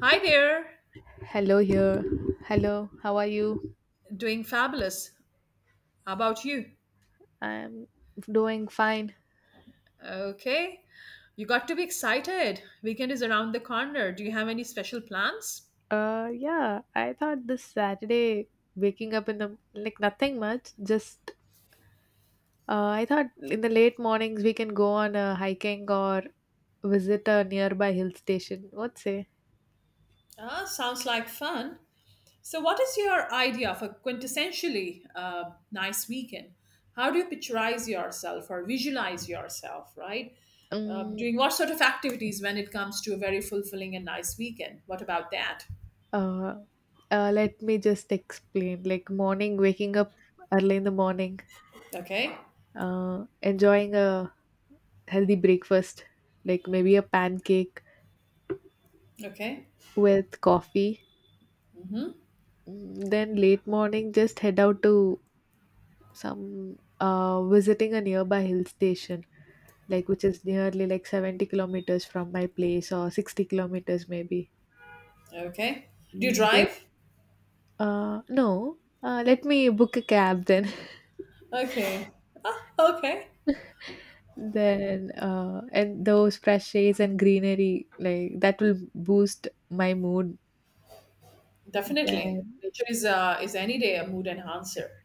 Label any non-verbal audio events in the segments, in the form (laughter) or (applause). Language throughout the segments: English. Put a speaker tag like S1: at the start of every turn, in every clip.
S1: Hi there.
S2: Hello here. Hello, how are you?
S1: Doing fabulous. How about you?
S2: I'm doing fine.
S1: Okay. You got to be excited. Weekend is around the corner. Do you have any special plans?
S2: Yeah, I thought this Saturday waking up in the, like, nothing much, just I thought in the late mornings we can go on a hiking or visit a nearby hill station. What say?
S1: Ah, sounds like fun. So, what is your idea of a quintessentially nice weekend? How do you picturize yourself or visualize yourself, right?
S2: Um
S1: Doing what sort of activities when it comes to a very fulfilling and nice weekend? What about that?
S2: uh, Let me just explain. Like morning waking up early in the morning,
S1: Okay,
S2: enjoying a healthy breakfast, like maybe a pancake
S1: okay,
S2: with coffee. Then late morning, just head out to some visiting a nearby hill station, like which is nearly like 70 kilometers from my place or 60 kilometers maybe.
S1: okay. Do you
S2: Mm, Just
S1: drive?
S2: No, let me book a cab then. (laughs)
S1: Okay, okay.
S2: Then and those fresh shades and greenery, like that will boost my mood.
S1: Definitely.
S2: Then
S1: Nature is any day a mood enhancer.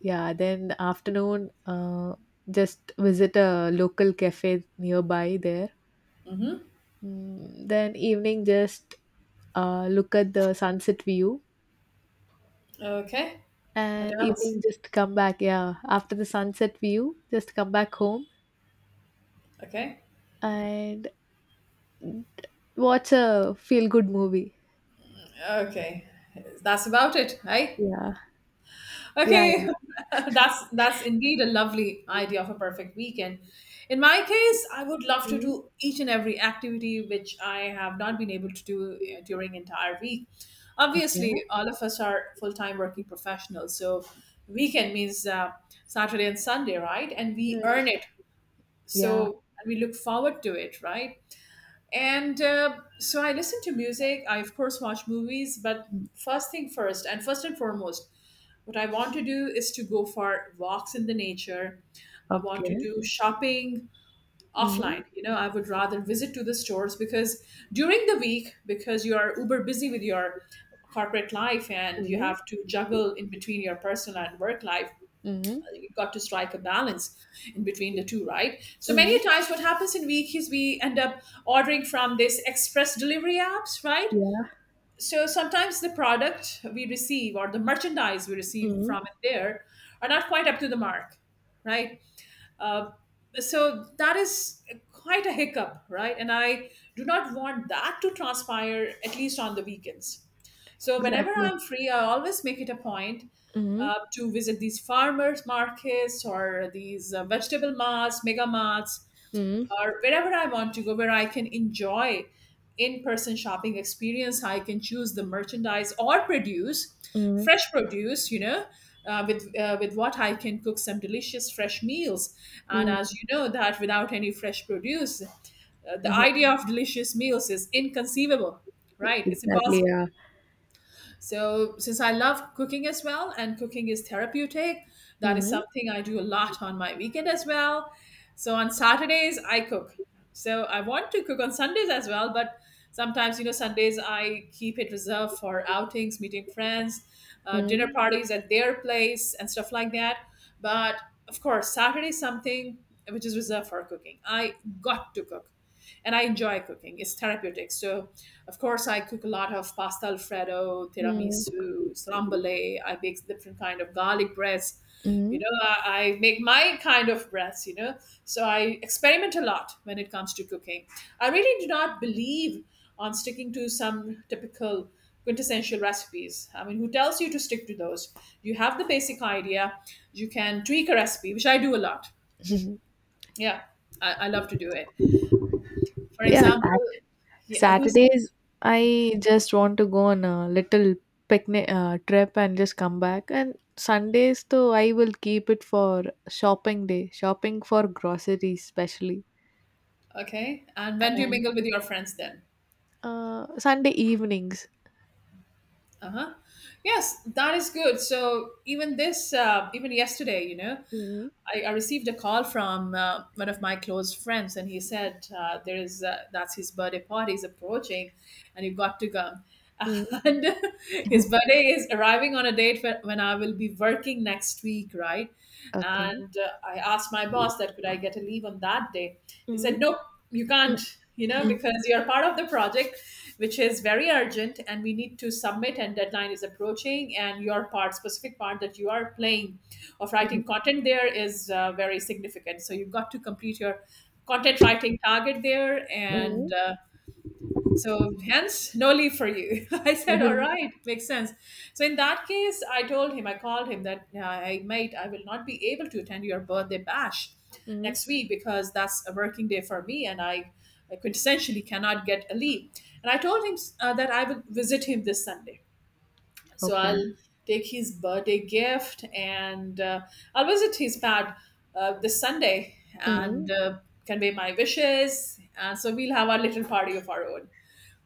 S2: yeah, then afternoon, just visit a local cafe nearby there. Then evening just look at the sunset view,
S1: Okay. What
S2: and
S1: else?
S2: evening just come back, yeah, after the sunset view just come back home
S1: Okay.
S2: and watch a feel good movie.
S1: Okay. That's about it, right?
S2: Yeah. Yeah,
S1: Okay.
S2: yeah.
S1: (laughs) That's indeed a lovely idea of a perfect weekend. In my case, I would love to
S2: Mhm.
S1: do each and every activity which I have not been able to do during entire week.
S2: Okay.
S1: Obviously, all of us are full-time working professionals, so weekend means Saturday and Sunday, right? And we
S2: Mhm.
S1: earn it.
S2: Yeah.
S1: So we look forward to it, right? And so I listen to music. I, of course, watch movies, but first thing first, and first and foremost, what I want to do is to go for walks in the nature. I want to
S2: Okay.
S1: do shopping
S2: Mm-hmm.
S1: offline. You know, I would rather visit to the stores because during the week, because you are uber busy with your corporate life and you
S2: Mm-hmm.
S1: have to juggle in between your personal and work life,
S2: Mm-hmm.
S1: you've got to strike a balance in between the two, right? So
S2: Mm-hmm.
S1: many times, what happens in week is we end up ordering from this express delivery apps, right?
S2: Yeah.
S1: So sometimes the product we receive or the merchandise we receive
S2: Mm-hmm.
S1: from it there are not quite up to the mark, right? Uh, so that is quite a hiccup, right? And I do not want that to transpire at least on the weekends. So whenever
S2: Exactly.
S1: I'm free, I always make it a point
S2: Mm-hmm.
S1: to visit these farmers markets or these vegetable marts, mega marts,
S2: Mm-hmm.
S1: or wherever I want to go, where I can enjoy in-person shopping experience. I can choose the merchandise or produce,
S2: Mm-hmm.
S1: fresh produce, you know, with what I can cook some delicious fresh meals. And as you know, that without any fresh produce, the
S2: Mm-hmm.
S1: idea of delicious meals is inconceivable,
S2: (laughs)
S1: right? It's
S2: Exactly.
S1: impossible.
S2: Yeah.
S1: So, since I love cooking as well, and cooking is therapeutic, that is
S2: Mm-hmm.
S1: something I do a lot on my weekend as well. So, on Saturdays, I cook. So, I want to cook on Sundays as well, but sometimes, you know, Sundays I keep it reserved for outings, meeting friends, dinner
S2: Mm-hmm.
S1: parties at their place, and stuff like that. But of course, Saturday is something which is reserved for cooking. I got to cook and I enjoy cooking. It's therapeutic. So, of course, I cook a lot of pasta alfredo, tiramisu, strambole. I bake different kind of garlic breads. You
S2: Mm-hmm.
S1: know, I make my kind of breads. You know, so I experiment a lot when it comes to cooking. I really do not believe on sticking to some typical quintessential recipes. I mean, who tells you to stick to those? You have the basic idea. You can tweak a recipe, which I do a lot.
S2: (laughs)
S1: Yeah, I love to do it. For
S2: Yeah.
S1: example, yeah, who's
S2: Saturdays, I just want to go on a little picnic trip and just come back. And Sundays, though, I will keep it for shopping day, shopping for groceries, especially.
S1: okay? And when do you
S2: And
S1: mingle with your friends then?
S2: Sunday evenings.
S1: Uh huh. Yes, that is good. So even this, even yesterday, you know,
S2: Mm.
S1: I received a call from one of my close friends, and he said there is that's his birthday party is approaching, and you got to come. (laughs)
S2: Mm.
S1: And his
S2: (laughs)
S1: birthday is arriving on a date when I will be working next week, right?
S2: Okay.
S1: And I asked my boss that could I get a leave on that day. He said
S2: Mm.
S1: nope, you
S2: Mm.
S1: can't, you
S2: (laughs)
S1: know,
S2: Mm.
S1: because you're part of the project which is very urgent and we need to submit and deadline is approaching and your part specific part that you are playing of writing content there is very significant, so you've got to complete your content writing target there
S2: Mm.
S1: and so hence, no leave for you. (laughs) I
S2: (laughs)
S1: said, all
S2: Mm.
S1: right, makes sense. So in that case, I told him, I called him that, I mate, I will not be able to attend your birthday bash
S2: Mm.
S1: next week because that's a working day for me and I quintessentially cannot get a leave. And I told him that I will visit him this Sunday. So I'll
S2: Okay.
S1: take his birthday gift and I'll visit his pad this Sunday and
S2: Mm.
S1: convey my wishes. And so we'll have our little party of our own.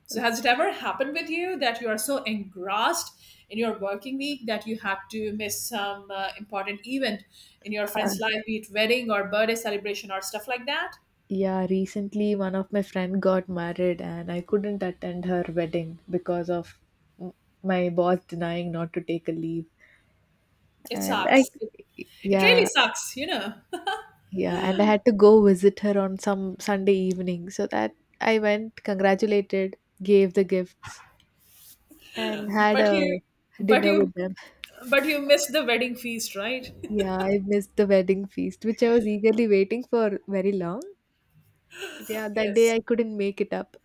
S1: So, has it ever happened with you that you are so engrossed in your working week that you had to miss some important event in your
S2: Uh,
S1: friend's life, be it wedding or birthday celebration or stuff like that?
S2: Yeah, recently one of my friend got married and I couldn't attend her wedding because of m- my boss denying not to take a leave.
S1: It
S2: And I
S1: sucks. It really
S2: Yeah,
S1: sucks, you know. (laughs)
S2: yeah, and I had to go visit her on some Sunday evening. So that I went, congratulated, gave the gifts and had
S1: But
S2: a
S1: you, but
S2: dinner
S1: you,
S2: with them.
S1: but you missed the wedding feast, right?
S2: Yeah, I missed the wedding feast, which I was eagerly waiting for very long. Yeah,
S1: (laughs)
S2: that day
S1: Yes.
S2: I couldn't make it up.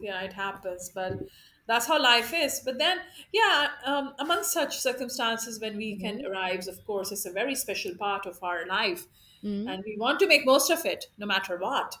S1: Yeah, it happens, but that's how life is. But then, yeah, among such circumstances, when weekend
S2: Mm.
S1: arrives, of course it's a very special part of our life
S2: Mm.
S1: and we want to make most of it no matter what.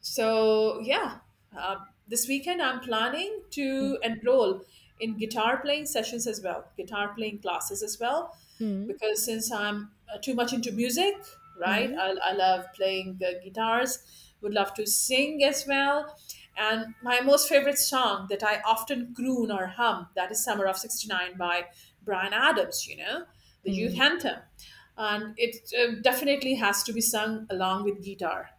S1: So yeah, uh, this weekend I'm planning
S2: Mm.
S1: to enroll in guitar playing sessions as well, guitar playing classes as well,
S2: Mm.
S1: because since I'm too much into music, right?
S2: Mm.
S1: I love playing the guitars. Would love to sing as well. And my most favorite song that I often croon or hum, that is "Summer of '69" by Brian Adams. You know, the youth
S2: Mm.
S1: anthem, and it definitely has to be sung along with guitar,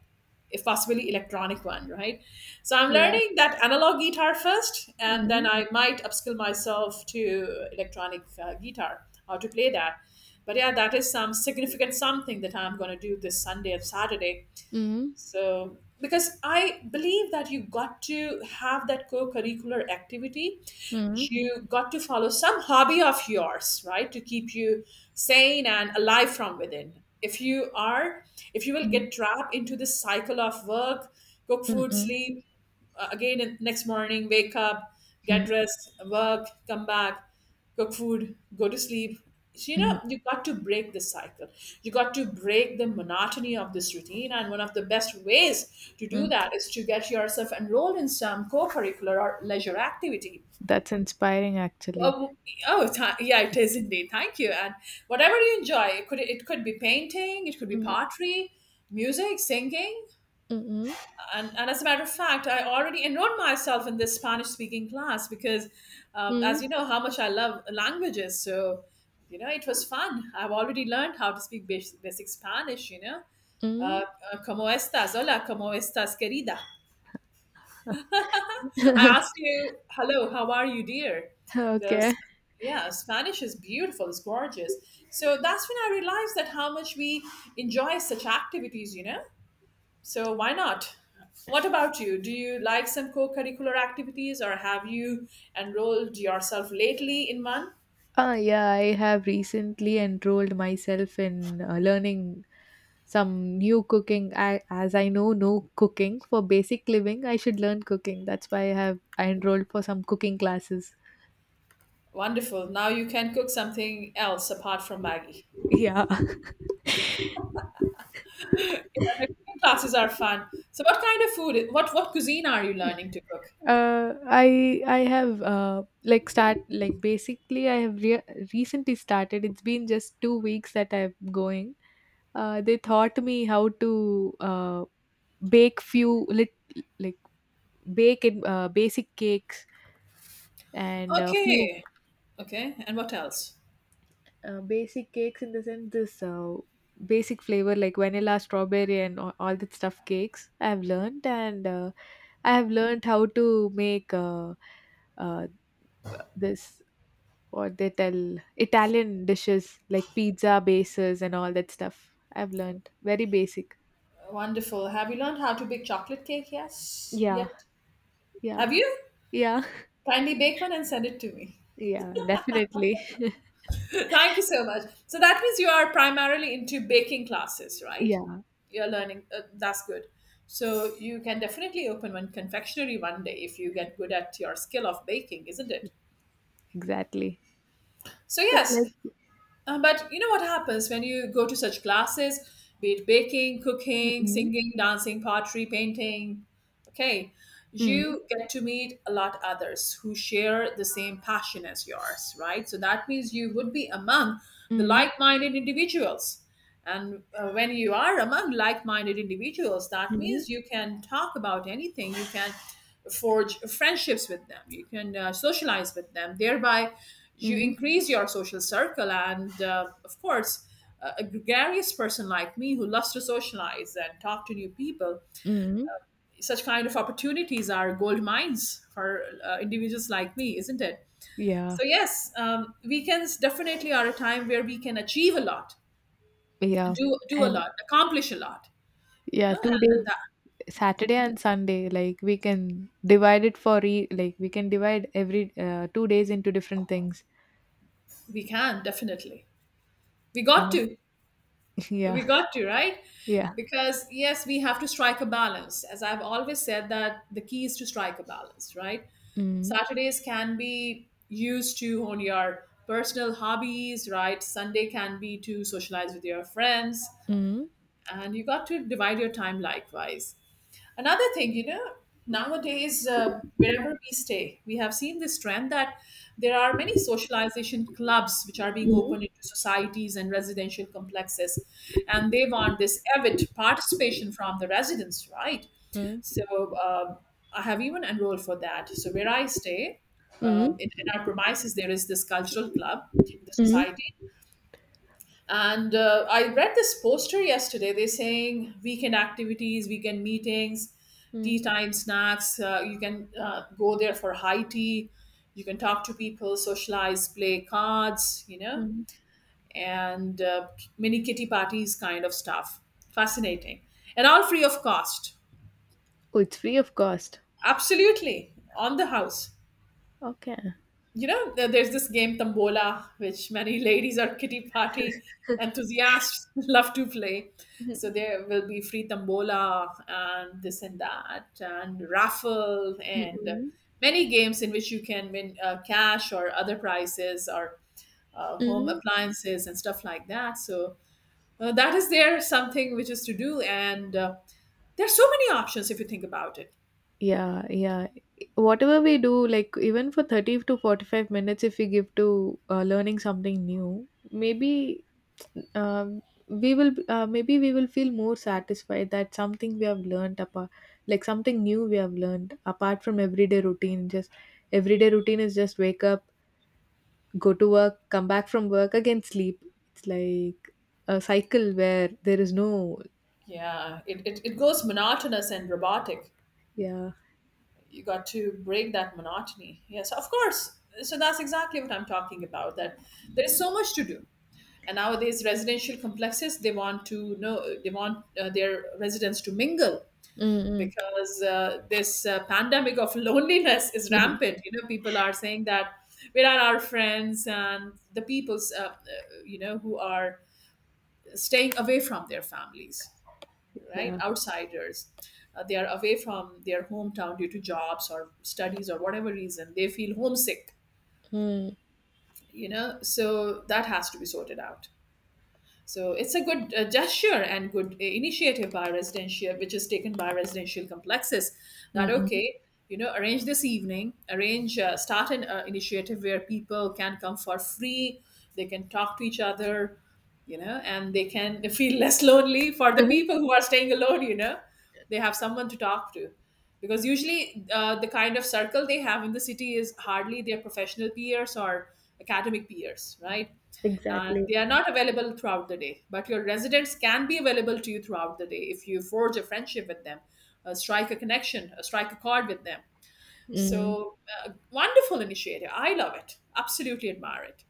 S1: if possibly electronic one, right? So I'm
S2: Yeah.
S1: learning that analog guitar first, and then
S2: Mhm.
S1: I might upskill myself to electronic guitar, how to play that. But yeah, that is some significant something that I'm going to do this Sunday and Saturday,
S2: Mhm.
S1: so, because I believe that you got to have that co curricular activity,
S2: Mhm.
S1: you got to follow some hobby of yours, right, to keep you sane and alive from within. If you are, if you will
S2: Mhm.
S1: get trapped into this cycle of work, cook food,
S2: Mhm.
S1: sleep, again next morning wake up, get
S2: Mhm.
S1: dressed, work, come back, cook food, go to sleep. So, you know,
S2: Mhm.
S1: you got to break this cycle, you got to break the monotony of this routine, and one of the best ways to do
S2: Mhm.
S1: that is to get yourself enrolled in some co-curricular or leisure activity.
S2: That's inspiring, actually.
S1: Oh, yeah, it is indeed. Thank you. And whatever you enjoy, it could be painting, it could be
S2: Mm.
S1: pottery, music, singing.
S2: Mhm.
S1: And as a matter of fact, I already enrolled myself in this Spanish speaking class because, as
S2: Mhm.
S1: you know, how much I love languages. So, you know, it was fun. I've already learned how to speak basic, basic Spanish, you know. Uh,
S2: Mhm.
S1: ¿Cómo estás? Hola, ¿cómo estás, querida? I asked
S2: (laughs)
S1: you, hello, how are you, dear? So,
S2: Okay.
S1: s- yeah, Spanish is beautiful, it's gorgeous. So that's when I realized that how much we enjoy such activities, you know? So why not? What about you? Do you like some co-curricular activities or have you enrolled yourself lately in one?
S2: Ah, yeah, I have recently enrolled myself in learning some new cooking. I, as I know no cooking for basic living, I should learn cooking. That's why I enrolled for some cooking classes.
S1: Wonderful. Now you can cook something else apart from Maggie. (laughs)
S2: (laughs) Yeah.
S1: Yeah, the cooking classes are fun. So what kind of food, what cuisine are you learning to cook?
S2: I have, like start like basically I have recently started. It's been just 2 weeks that I'm going. They taught me how to bake few lit- like bake in basic cakes and a few
S1: Okay. Okay. And what else?
S2: basic cakes in the sense this. Basic flavor like vanilla, strawberry, and all that stuff cakes I have learned. And I have learned how to make uh this what they tell Italian dishes like pizza bases and all that stuff. I've learned very basic.
S1: Wonderful. Have you learned how to bake chocolate cake? Yes.
S2: Yeah,
S1: Yet.
S2: yeah,
S1: Have you?
S2: yeah,
S1: Kindly bake one and send it to me.
S2: (laughs) yeah, definitely.
S1: Thank you so much. So that means you are primarily into baking
S2: (laughs)
S1: classes, right?
S2: Yeah,
S1: You're learning. That's good. So you can definitely open one confectionery one day if you get good at your skill of baking, isn't it?
S2: exactly.
S1: So
S2: But,
S1: yes,
S2: like.
S1: but you know what happens when you go to such classes, be it baking, cooking,
S2: Mm-mm.
S1: singing, dancing, pottery, painting, okay,
S2: Mm-mm.
S1: you get to meet a lot others who share the same passion as yours, right? So that means you would be among the
S2: Mm-mm.
S1: like-minded individuals. And when you are among like minded individuals, that
S2: Mm-mm.
S1: means you can talk about anything, you can forge friendships with them, you can socialize with them. Thereby, you
S2: Mm-mm.
S1: increase your social circle. And of course, a gregarious person like me who loves to socialize and talk to new people,
S2: Mm-mm.
S1: such kind of opportunities are gold mines for individuals like me, isn't it?
S2: Yeah,
S1: So, yes, weekends definitely are a time where we can achieve a lot,
S2: yeah,
S1: do a
S2: and,
S1: lot, accomplish a lot, you
S2: yeah,
S1: know, and,
S2: two
S1: and
S2: days,
S1: that
S2: Saturday and Sunday. Like we can divide it for e- like we can divide every 2 days into different things.
S1: we can definitely. We got
S2: Yeah,
S1: to,
S2: (laughs)
S1: we
S2: yeah,
S1: got to, right?
S2: yeah.
S1: Because yes, we have to strike a balance. As I've always said, that the key is to strike a balance, right?
S2: Mm-mm.
S1: Saturdays can be used to on your personal hobbies, right? Sunday can be to socialize with your friends,
S2: Mm-mm.
S1: and you got to divide your time likewise. Another thing, you know, nowadays, wherever we stay, we have seen this trend that there are many socialization clubs which are being opened into societies and residential complexes. And they want this avid participation from the residents, right?
S2: Mm-mm.
S1: So um, I have even enrolled for that. So where I stay,
S2: Mm.
S1: in our premises, there is this cultural club in the
S2: Mm.
S1: society, and I read this poster yesterday. They're saying weekend activities, weekend meetings, tea
S2: Mm.
S1: time snacks. You can go there for high tea. You can talk to people, socialize, play cards, you know,
S2: Mm.
S1: and mini kitty parties kind of stuff. Fascinating. And all free of cost.
S2: Oh, it's free of cost.
S1: Absolutely. On the house.
S2: Okay.
S1: You know, there's this game Tambola, which many (laughs) ladies or kitty party enthusiasts (laughs) love to play. So
S2: Mhm.
S1: there will be free Tambola and this and that, and raffle, and
S2: Mm-mm.
S1: many games in which you can win cash or other prizes or home
S2: Mm.
S1: appliances and stuff like that. So that is there something which is to do, and there are so many options if you think about it.
S2: Yeah, yeah. Whatever we do, like even for 30 to 45 minutes, if we give to learning something new, maybe, um, we will feel more satisfied that something we have learned apart, like something new we have learned apart from everyday routine. Just everyday routine is just wake up, go to work, come back from work, again sleep. It's like a cycle where there is no.
S1: Yeah, it goes monotonous and robotic.
S2: Yeah.
S1: You got to break that monotony, yes, of course. So that's exactly what I'm talking about, that there's so much to do. And nowadays residential complexes, they want to know, they want their residents to mingle,
S2: Mm. Mm.
S1: because this pandemic of (laughs) loneliness is
S2: Mm.
S1: rampant. You know, people are saying that where are our friends and the people's you know, who are staying away from their families,
S2: (laughs)
S1: right?
S2: Yeah.
S1: Outsiders, they are away from their hometown due to jobs or studies or whatever reason. They feel homesick,
S2: Mm.
S1: you know, so that has to be sorted out. So it's a good gesture and good initiative by residential, which is taken by residential complexes. That
S2: Mm. Mm.
S1: okay, you know, arrange this evening, arrange start an initiative where people can come for free, they can talk to each other, you know, and they can (laughs) feel less lonely. For the
S2: Mhm.
S1: people who are staying alone, you know, they have someone to talk to. Because usually the kind of circle they have in the city is hardly their professional peers or academic peers, right? And
S2: Exactly.
S1: they are not available throughout the day, but your residents can be available to you throughout the day if you forge a friendship with them, strike a connection, strike a chord with them.
S2: Mm.
S1: So wonderful initiative, I love it, absolutely admire it.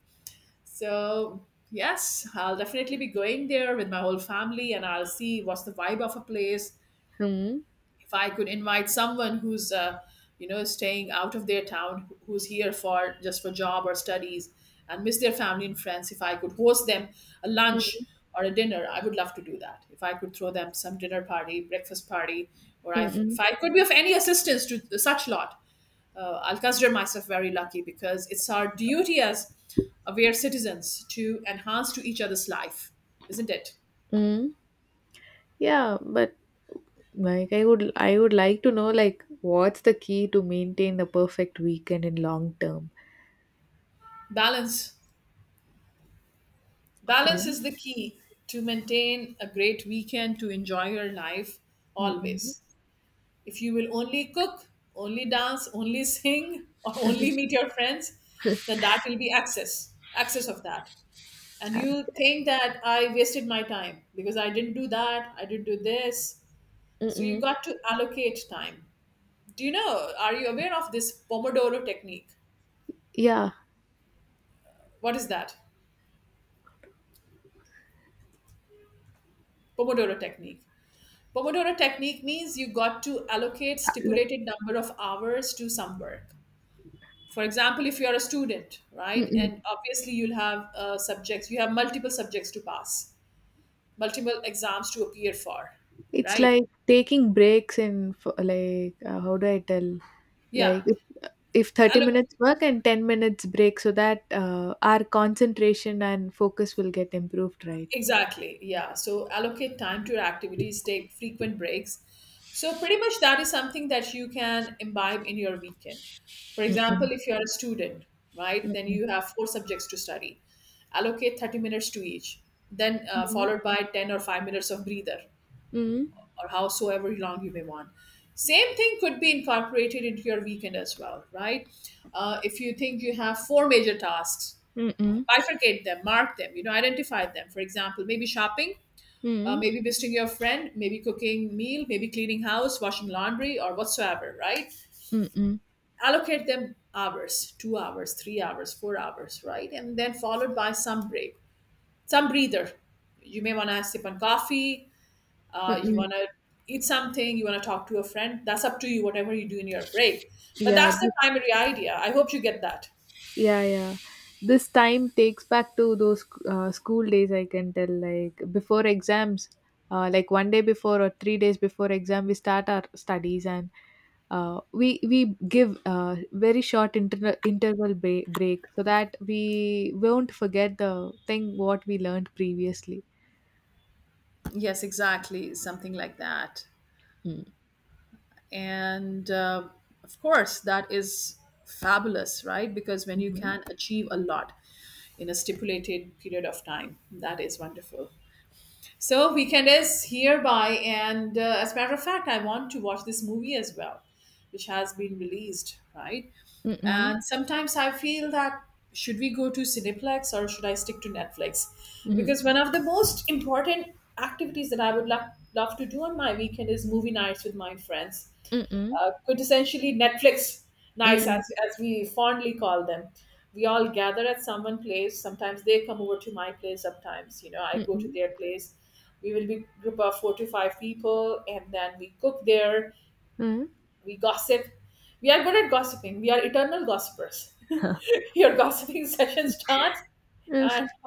S1: So yes, I'll definitely be going there with my whole family, and I'll see what's the vibe of a place.
S2: Mm.
S1: If I could invite someone who's you know, staying out of their town, who's here for just for job or studies and miss their family and friends, if I could host them a lunch
S2: Mm.
S1: or a dinner, I would love to do that. If I could throw them some dinner party, breakfast party, or
S2: Mm.
S1: if
S2: Mm.
S1: I could be of any assistance to such lot, I'll consider myself very lucky, because it's our duty as aware citizens to enhance to each other's life, isn't it?
S2: Mm. Yeah, but, like, I would like to know, like, what's the key to maintain the perfect weekend in long term.
S1: Balance. Balance
S2: Okay.
S1: is the key to maintain a great weekend, to enjoy your life
S2: Mm-mm.
S1: always. If you will only cook, only dance, only (laughs) sing, or only
S2: Mhm.
S1: meet your friends, then that will be excess, excess of that. And you
S2: Okay.
S1: think that I wasted my time because I didn't do that, I didn't do this. So you
S2: Mm-mm.
S1: got to allocate time. Do you know, are you aware of this Pomodoro technique?
S2: Yeah.
S1: What is that? Pomodoro technique. Pomodoro technique means you got to allocate
S2: Uh,
S1: stipulated number of hours to some work. For example, if you're a student, right,
S2: Look.
S1: and obviously you'll have subjects, you have multiple subjects to pass, multiple exams to appear for,
S2: It's
S1: right?
S2: like taking breaks and for, like, how do I tell?
S1: Yeah.
S2: Like, if 30
S1: Allo-
S2: minutes work and 10 minutes break so that our concentration and focus will get improved, right?
S1: Exactly. Yeah. So allocate time to your activities, take frequent breaks. So pretty much that is something that you can imbibe in your weekend. For
S2: Mm-mm.
S1: example, if you are a student, right, then
S2: Mm-mm.
S1: you have four subjects to study. Allocate 30 minutes to each, then followed by 10 or 5 minutes of breather
S2: Mm-mm.
S1: or howsoever long you may want. Same thing could be incorporated into your weekend as well, right? If you think you have four major tasks,
S2: Mm-mm.
S1: bifurcate them, mark them, you know, identify them. For example, maybe shopping,
S2: Mm-mm.
S1: maybe visiting your friend, maybe cooking meal, maybe cleaning house, washing laundry, or whatsoever, right?
S2: Mm-mm.
S1: Allocate them hours, 2 hours, 3 hours, 4 hours, right? And then followed by some break, some breather. You may want to sip on coffee, you
S2: Mm-mm.
S1: want to eat something, you want to talk to a friend. That's up to you, whatever you do in your break. But
S2: Yeah,
S1: that's the
S2: this
S1: primary idea. I hope you get that.
S2: Yeah, yeah. This time takes back to those school days, I can tell. Like before exams, like one day before or 3 days before exam, we start our studies and we give very short interval break so that we won't forget the thing what we learned previously.
S1: Yes, exactly. Something like that.
S2: Mm.
S1: And of course, that is fabulous, right? Because when you
S2: Mhm.
S1: can achieve a lot in a stipulated period of time, that is wonderful. So weekend is hereby, and as a matter of fact, I want to watch this movie as well, which has been released, right?
S2: Mm-mm.
S1: And sometimes I feel that should we go to cineplex or should I stick to Netflix?
S2: Mhm.
S1: Because one of the most important activities that I would love to do on my weekend is movie nights with my friends,
S2: Mm-mm.
S1: quintessentially Netflix nice,
S2: Mm.
S1: as we fondly call them. We all gather at someone place. Sometimes they come over to my place. Sometimes, you know, I go to
S2: Mm-mm.
S1: their place. We will be group of four to five people, and then we cook there.
S2: Mm.
S1: We gossip. We are good at gossiping. We are eternal gossipers.
S2: (laughs)
S1: (laughs) Your gossiping session starts,
S2: Mm.
S1: and (laughs)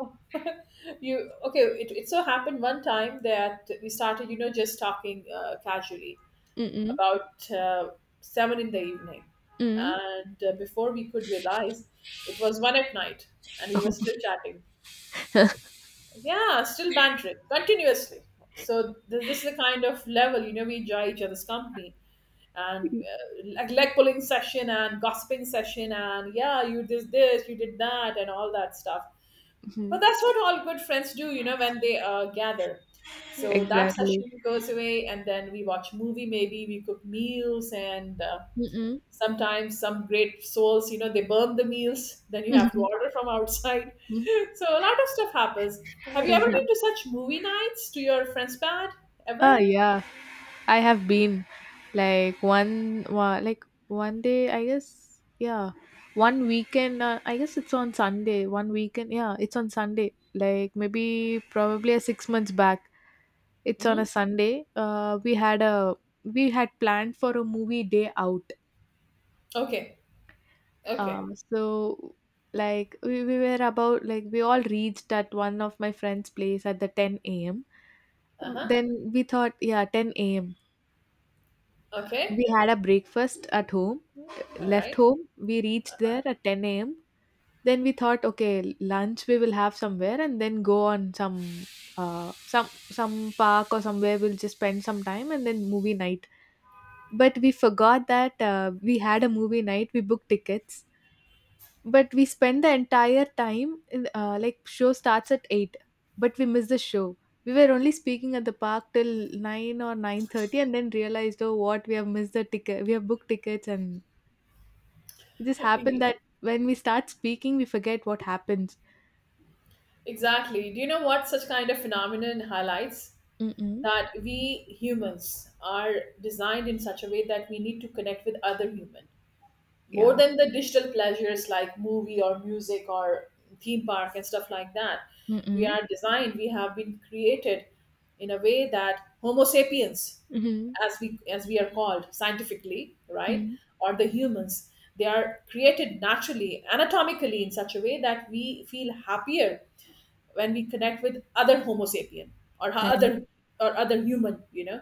S1: you okay. It so happened one time that we started, you know, just talking casually
S2: Mm-mm.
S1: about seven in the evening,
S2: Mm.
S1: and before we could realize, it was one at night, and we were still chatting. Yeah, still bantering continuously. So this is the kind of level, you know, we enjoy each other's company, and like leg pulling session and gossiping session and yeah you did this, you did that, and all that stuff. But
S2: Mhm.
S1: that's what all good friends do, you know, when they gather.
S2: (laughs)
S1: So that
S2: Exactly.
S1: session goes away, and then we watch movie, maybe we cook meals, and
S2: Mm-mm.
S1: sometimes some great souls, you know, they burn the meals, then you have to
S2: (laughs)
S1: order from outside. (laughs) So a lot of stuff happens. Have you ever
S2: Yeah.
S1: been to such movie nights to your friend's pad? Ever?
S2: Oh yeah. I have been, like, one one day, I guess, yeah, one weekend, I guess it's on Sunday, one weekend, yeah, it's on Sunday, like maybe probably a 6 months back, it's on a
S1: Hmm.
S2: Sunday. We had planned for a movie day out.
S1: Okay. Okay.
S2: So, like, we were about like we all reached at one of my friend's place at the 10 a.m.
S1: Uh-huh.
S2: Then we thought, yeah, 10 a.m.
S1: Okay.
S2: We had a breakfast at home,
S1: All
S2: left
S1: right.
S2: home. We reached there at 10 a.m. Then we thought, okay, lunch we will have somewhere and then go on some park or somewhere we'll just spend some time and then movie night. But we forgot that we had a movie night. We booked tickets. But we spend the entire time in, like, show starts at 8, but we missed the show. We were only speaking at the park till 9 or 9:30 and then realized, oh, what we have missed the ticket. We have booked tickets and it just happened that
S1: (laughs)
S2: when we start speaking we forget what happens.
S1: Exactly. Do you know what such kind of phenomenon highlights?
S2: Mm-mm.
S1: That we humans are designed in such a way that we need to connect with other human more
S2: Yeah.
S1: than the digital pleasures like movie or music or theme park and stuff like that. We
S2: Mm-mm.
S1: are designed, we have been created in a way that homo sapiens,
S2: Mm-hmm.
S1: as we are called scientifically, right,
S2: Mm.
S1: or the humans, they are created naturally anatomically in such a way that we feel happier when we connect with other homo sapien or
S2: And
S1: other, or other human, you know.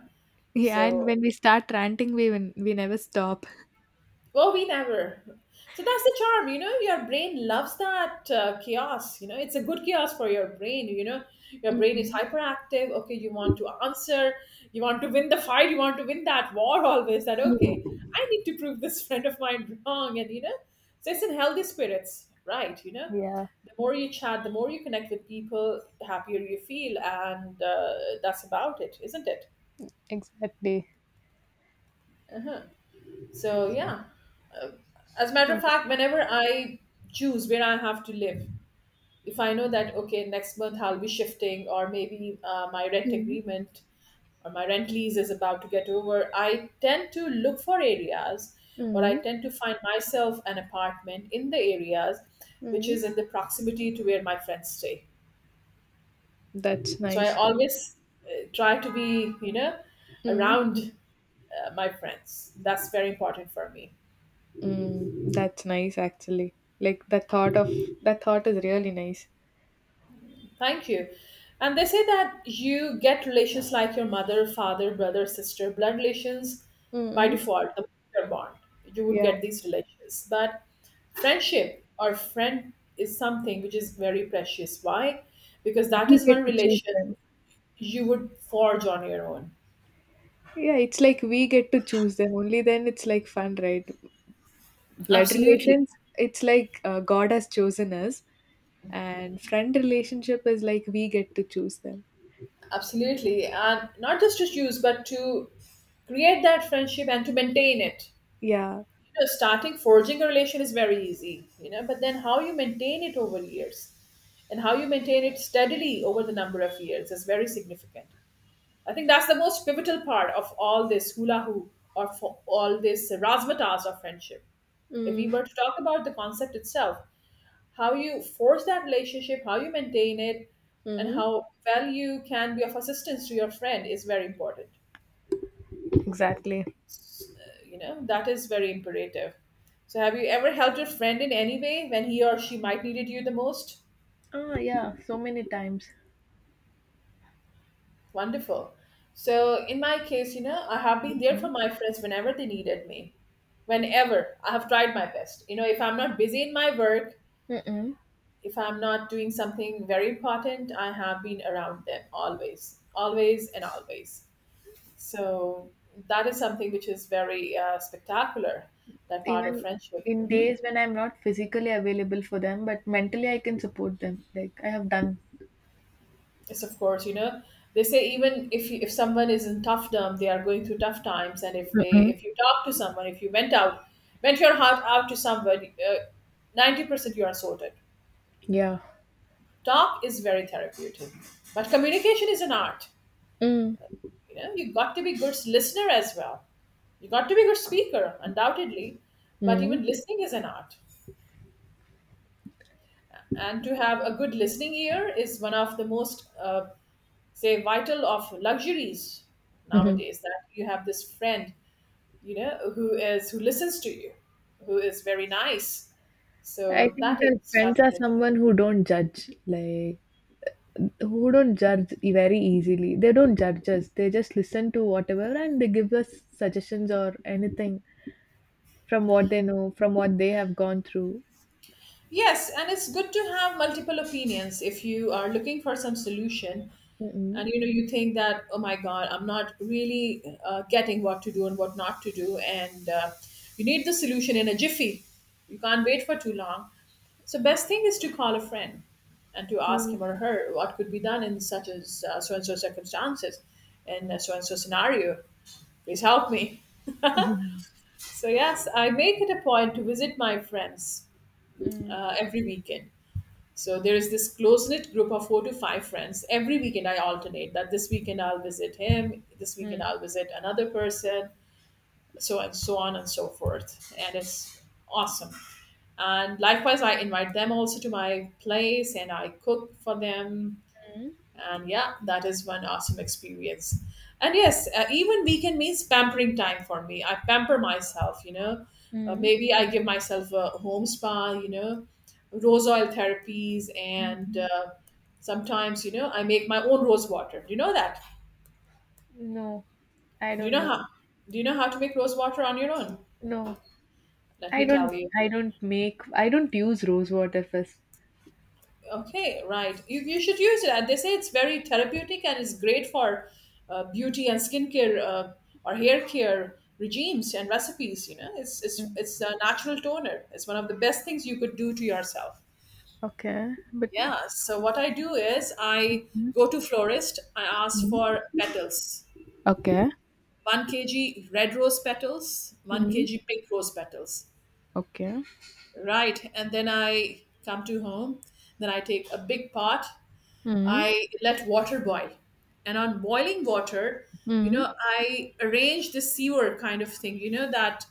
S2: yeah, and
S1: So
S2: when we start ranting, we even, we never stop.
S1: oh, we never. So that's the charm, you know. Your brain loves that chaos. You know, it's a good chaos for your brain. You know, your brain is
S2: Mm-mm.
S1: hyperactive. Okay, you want to answer, you want to win the fight, you want to win that war. Always that okay.
S2: Mm.
S1: I need to prove this (laughs) friend of mine wrong, and you know, so it's in healthy spirits, right? You know,
S2: Yeah,
S1: the more you chat, the more you connect with people, the happier you feel, and that's about it, isn't it?
S2: exactly.
S1: Uh-huh. So yeah. As a matter of
S2: Exa-
S1: fact, whenever I choose where I have to live, if I know that, okay, next month I'll be shifting, or maybe my rent
S2: Mm.
S1: agreement or my rent lease is about to get over, I tend to look for areas, or I
S2: Mm.
S1: tend to find myself an apartment in the areas which
S2: Mm.
S1: is in the proximity to where my friends stay.
S2: That's
S1: So I
S2: nice.
S1: always try to be, you know,
S2: Mm.
S1: around my friends. That's very important for me.
S2: That's nice, actually. Like, the thought of that thought is really nice.
S1: Thank you. And they say that you get relations like your mother, father, brother, sister, blood relations by
S2: Mm-mm.
S1: default, the mother bond. You would
S2: Yeah,
S1: get these relations. But friendship or friend is something which is very precious. Why? Because that
S2: we
S1: is one
S2: get to choose
S1: relation
S2: them.
S1: you would forge on your own.
S2: Yeah, it's like we get to choose them. Only then it's like fun, right? Blood
S1: Absolutely.
S2: relations, it's like, God has chosen us, and friend relationship is like we get to choose them.
S1: Absolutely. And not just to choose, but to create that friendship and to maintain it.
S2: Yeah,
S1: Starting forging a relation is very easy, but then how you maintain it over years and how you maintain it steadily over the number of years is very significant. I think that's the most pivotal part of all this hula hoop or for all this razzmatazz of friendship. If we
S2: mm.
S1: were to talk about the concept itself, how you forge that relationship, how you maintain it, and
S2: Hmm.
S1: how well you can be of assistance to your friend is very important.
S2: Exactly.
S1: You know, that is very imperative. So have you ever helped your friend in any way when he or she might needed you the most?
S2: Ah, yeah, so many times.
S1: Wonderful. So in my case, you know, I have been there for
S2: Mhm.
S1: my friends whenever they needed me. Whenever I have tried my best, you know, if I'm not busy in my work,
S2: Mm-mm.
S1: if I'm not doing something very important, I have been around them always, always, and always. So that is something which is very spectacular, that part of
S2: Even
S1: friendship.
S2: in
S1: Mhm.
S2: days when I'm not physically available for them, but mentally I can support them. Like I have done.
S1: Yes, of course, you know, they say even if someone is in toughdom, they are going through tough times, and
S2: Mm-mm.
S1: if you talk to someone, if you went out, went your heart out to someone, 90% you are sorted.
S2: Yeah.
S1: Talk is very therapeutic, but communication is an art.
S2: Mm.
S1: You know, you got to be good listener as well. You got to be a good speaker, undoubtedly, but
S2: Mm.
S1: even listening is an art. And to have a good listening ear is one of the most say vital of luxuries
S2: Mm-hmm.
S1: nowadays, that you have this friend, you know, who is who listens to you, who is very nice.
S2: I
S1: So
S2: think
S1: that
S2: that
S1: is
S2: friends are
S1: fascinating.
S2: someone who don't judge, like who don't judge very easily. They don't judge us. They just listen to whatever and they give us suggestions or anything from what they know, from what they have gone through.
S1: Yes, and it's good to have multiple opinions if you are looking for some solution.
S2: Mm-mm.
S1: And you know, you think that oh my god, I'm not really getting what to do and what not to do, and you need the solution in a jiffy. You can't wait for too long. So best thing is to call a friend and to ask him
S2: Mm.
S1: or her what could be done in such as so and so circumstances, in so and so scenario. Please help me.
S2: Mm.
S1: (laughs) So yes, I make it a point to visit my friends every weekend. So there is this close knit group of 4 to 5 friends. Every weekend I alternate that this weekend I'll visit him, this weekend
S2: Mm.
S1: I'll visit another person, so and so on and so forth. And it's awesome. And likewise, I invite them also to my place and I cook for them,
S2: Mm.
S1: and yeah, that is one awesome experience. And yes, even weekend means pampering time for me. I pamper myself, you know.
S2: Mm.
S1: Maybe I give myself a home spa, you know, rose oil therapies,
S2: Mm.
S1: and
S2: Mm.
S1: sometimes, you know, I make my own rose water. Do you know that?
S2: No, I
S1: Do you
S2: don't
S1: know
S2: know.
S1: how? Do you know how to make rose water on your own?
S2: No.
S1: Let
S2: I
S1: me
S2: don't
S1: tell you.
S2: I don't use rose water 1st.
S1: Okay, right. You should use it. And they say it's very therapeutic and it's great for beauty and skincare, or hair care regimes and recipes. You know, it's, it's,
S2: Mm.
S1: it's a natural toner. It's one of the best things you could do to yourself.
S2: Okay, but.
S1: Yeah. So what I do is I go
S2: Mm-hmm.
S1: to florist. I ask for petals,
S2: Okay.
S1: 1 kg red rose petals, one
S2: Mm-hmm.
S1: kg pink rose petals.
S2: Okay.
S1: Right. And then I come to home. Then I take a big pot.
S2: Mm.
S1: I let water boil. And on boiling water, you
S2: Mm.
S1: know, I arrange the sewer kind of thing, you know, that,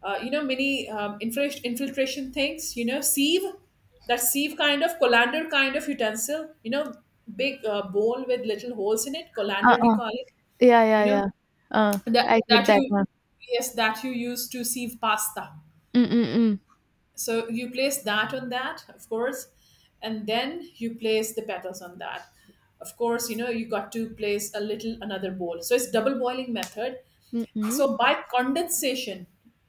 S1: you know, many infiltration things, you know, sieve, that sieve kind of colander kind of utensil, you know, big bowl with little holes in it,
S2: Uh
S1: colander we
S2: uh.
S1: call it,
S2: Yeah, yeah,
S1: you know,
S2: yeah. Uh,
S1: that,
S2: I get
S1: that
S2: that
S1: you,
S2: one.
S1: yes, that you use to sieve pasta.
S2: Mm. Mm. Mm.
S1: So you place that on that, of course, and then you place the petals on that. Of course, you know, you got to place a little another bowl. So it's double boiling method.
S2: Mm.
S1: So by condensation,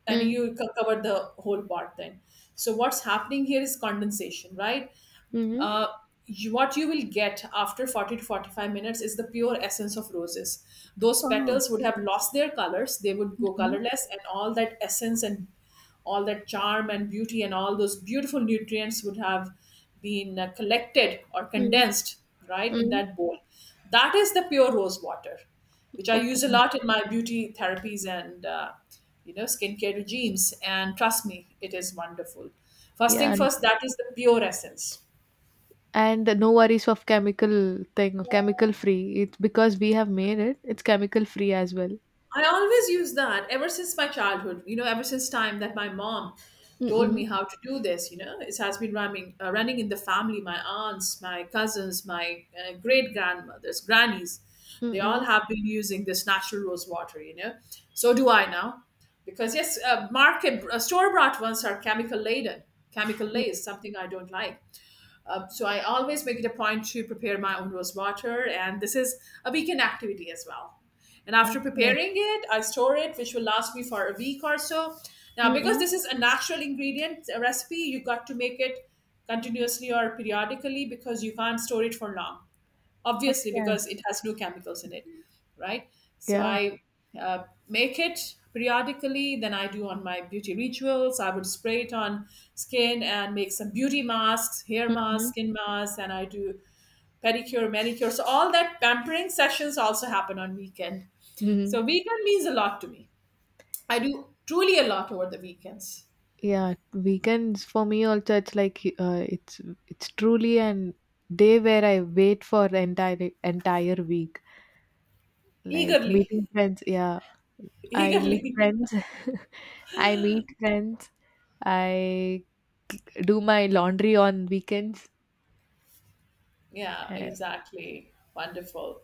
S1: and
S2: Mm.
S1: you cover the whole part then. So what's happening here is condensation, right?
S2: Mm.
S1: uh, you- what you will get after 40 to 45 minutes is the pure essence of roses. Those
S2: Oh.
S1: petals would have lost their colors, they would
S2: Mm.
S1: go
S2: Mm.
S1: colorless, and all that essence and all that charm and beauty and all those beautiful nutrients would have been collected or condensed right in
S2: Mm.
S1: that bowl. That is the pure rose water, which I
S2: Okay.
S1: use a lot in my beauty therapies, and you know, skincare regimes, and trust me it is wonderful. First
S2: Yeah,
S1: thing
S2: and,
S1: first, that is the pure essence.
S2: and no worries of chemical thing, chemical free. It's because we have made it. It's chemical free as well.
S1: I always use that ever since my childhood, you know, ever since time that my mom
S2: Mm.
S1: told me
S2: Mm.
S1: how to do this, you know, it has been running, running in the family. My aunts, my cousins, my great grandmothers, grannies,
S2: Mm.
S1: they all
S2: Mm.
S1: have been using this natural rose water, you know. So do I now. Because, yes, market store bought ones are chemical laden, chemical laced, something I don't like. So I always make it a point to prepare my own rose water, and this is a weekend activity as well. And after
S2: Okay.
S1: preparing it, I store it, which will last me for a week or so. Now,
S2: Mm.
S1: because
S2: Mm.
S1: this is a natural ingredient a recipe, you got to make it continuously or periodically, because you can't store it for long, obviously,
S2: Okay.
S1: because it has no chemicals in it, right? So
S2: Yeah.
S1: I make it periodically. Then I do on my beauty rituals, I would spray it on skin and make some beauty masks, hair masks,
S2: Mhm.
S1: skin masks, and I do pedicure, manicure. So all that pampering sessions also happen on weekend.
S2: Mhm.
S1: So weekend means a lot to me. I do truly a lot over the weekends.
S2: Yeah, weekends for me also it's like, it's truly an day where I wait for the entire week. Like
S1: Eagerly.
S2: meeting friends, yeah.
S1: (laughs)
S2: I meet
S1: Eagerly.
S2: friends. (laughs) I meet friends. I do my laundry on weekends.
S1: Yeah,
S2: And
S1: exactly. Wonderful.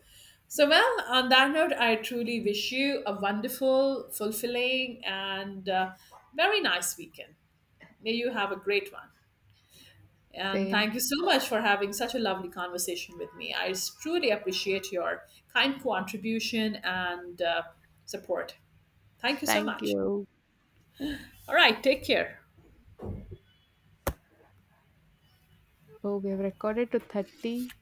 S1: So, well, on that note, I truly wish you a wonderful, fulfilling, and very nice weekend. May you have a great one. And
S2: same.
S1: thank you so much for having such a lovely conversation with me. Truly appreciate your kind contribution and support. Thank you so
S2: Thank
S1: much.
S2: you.
S1: All right, take care.
S2: Oh, we have recorded to 30.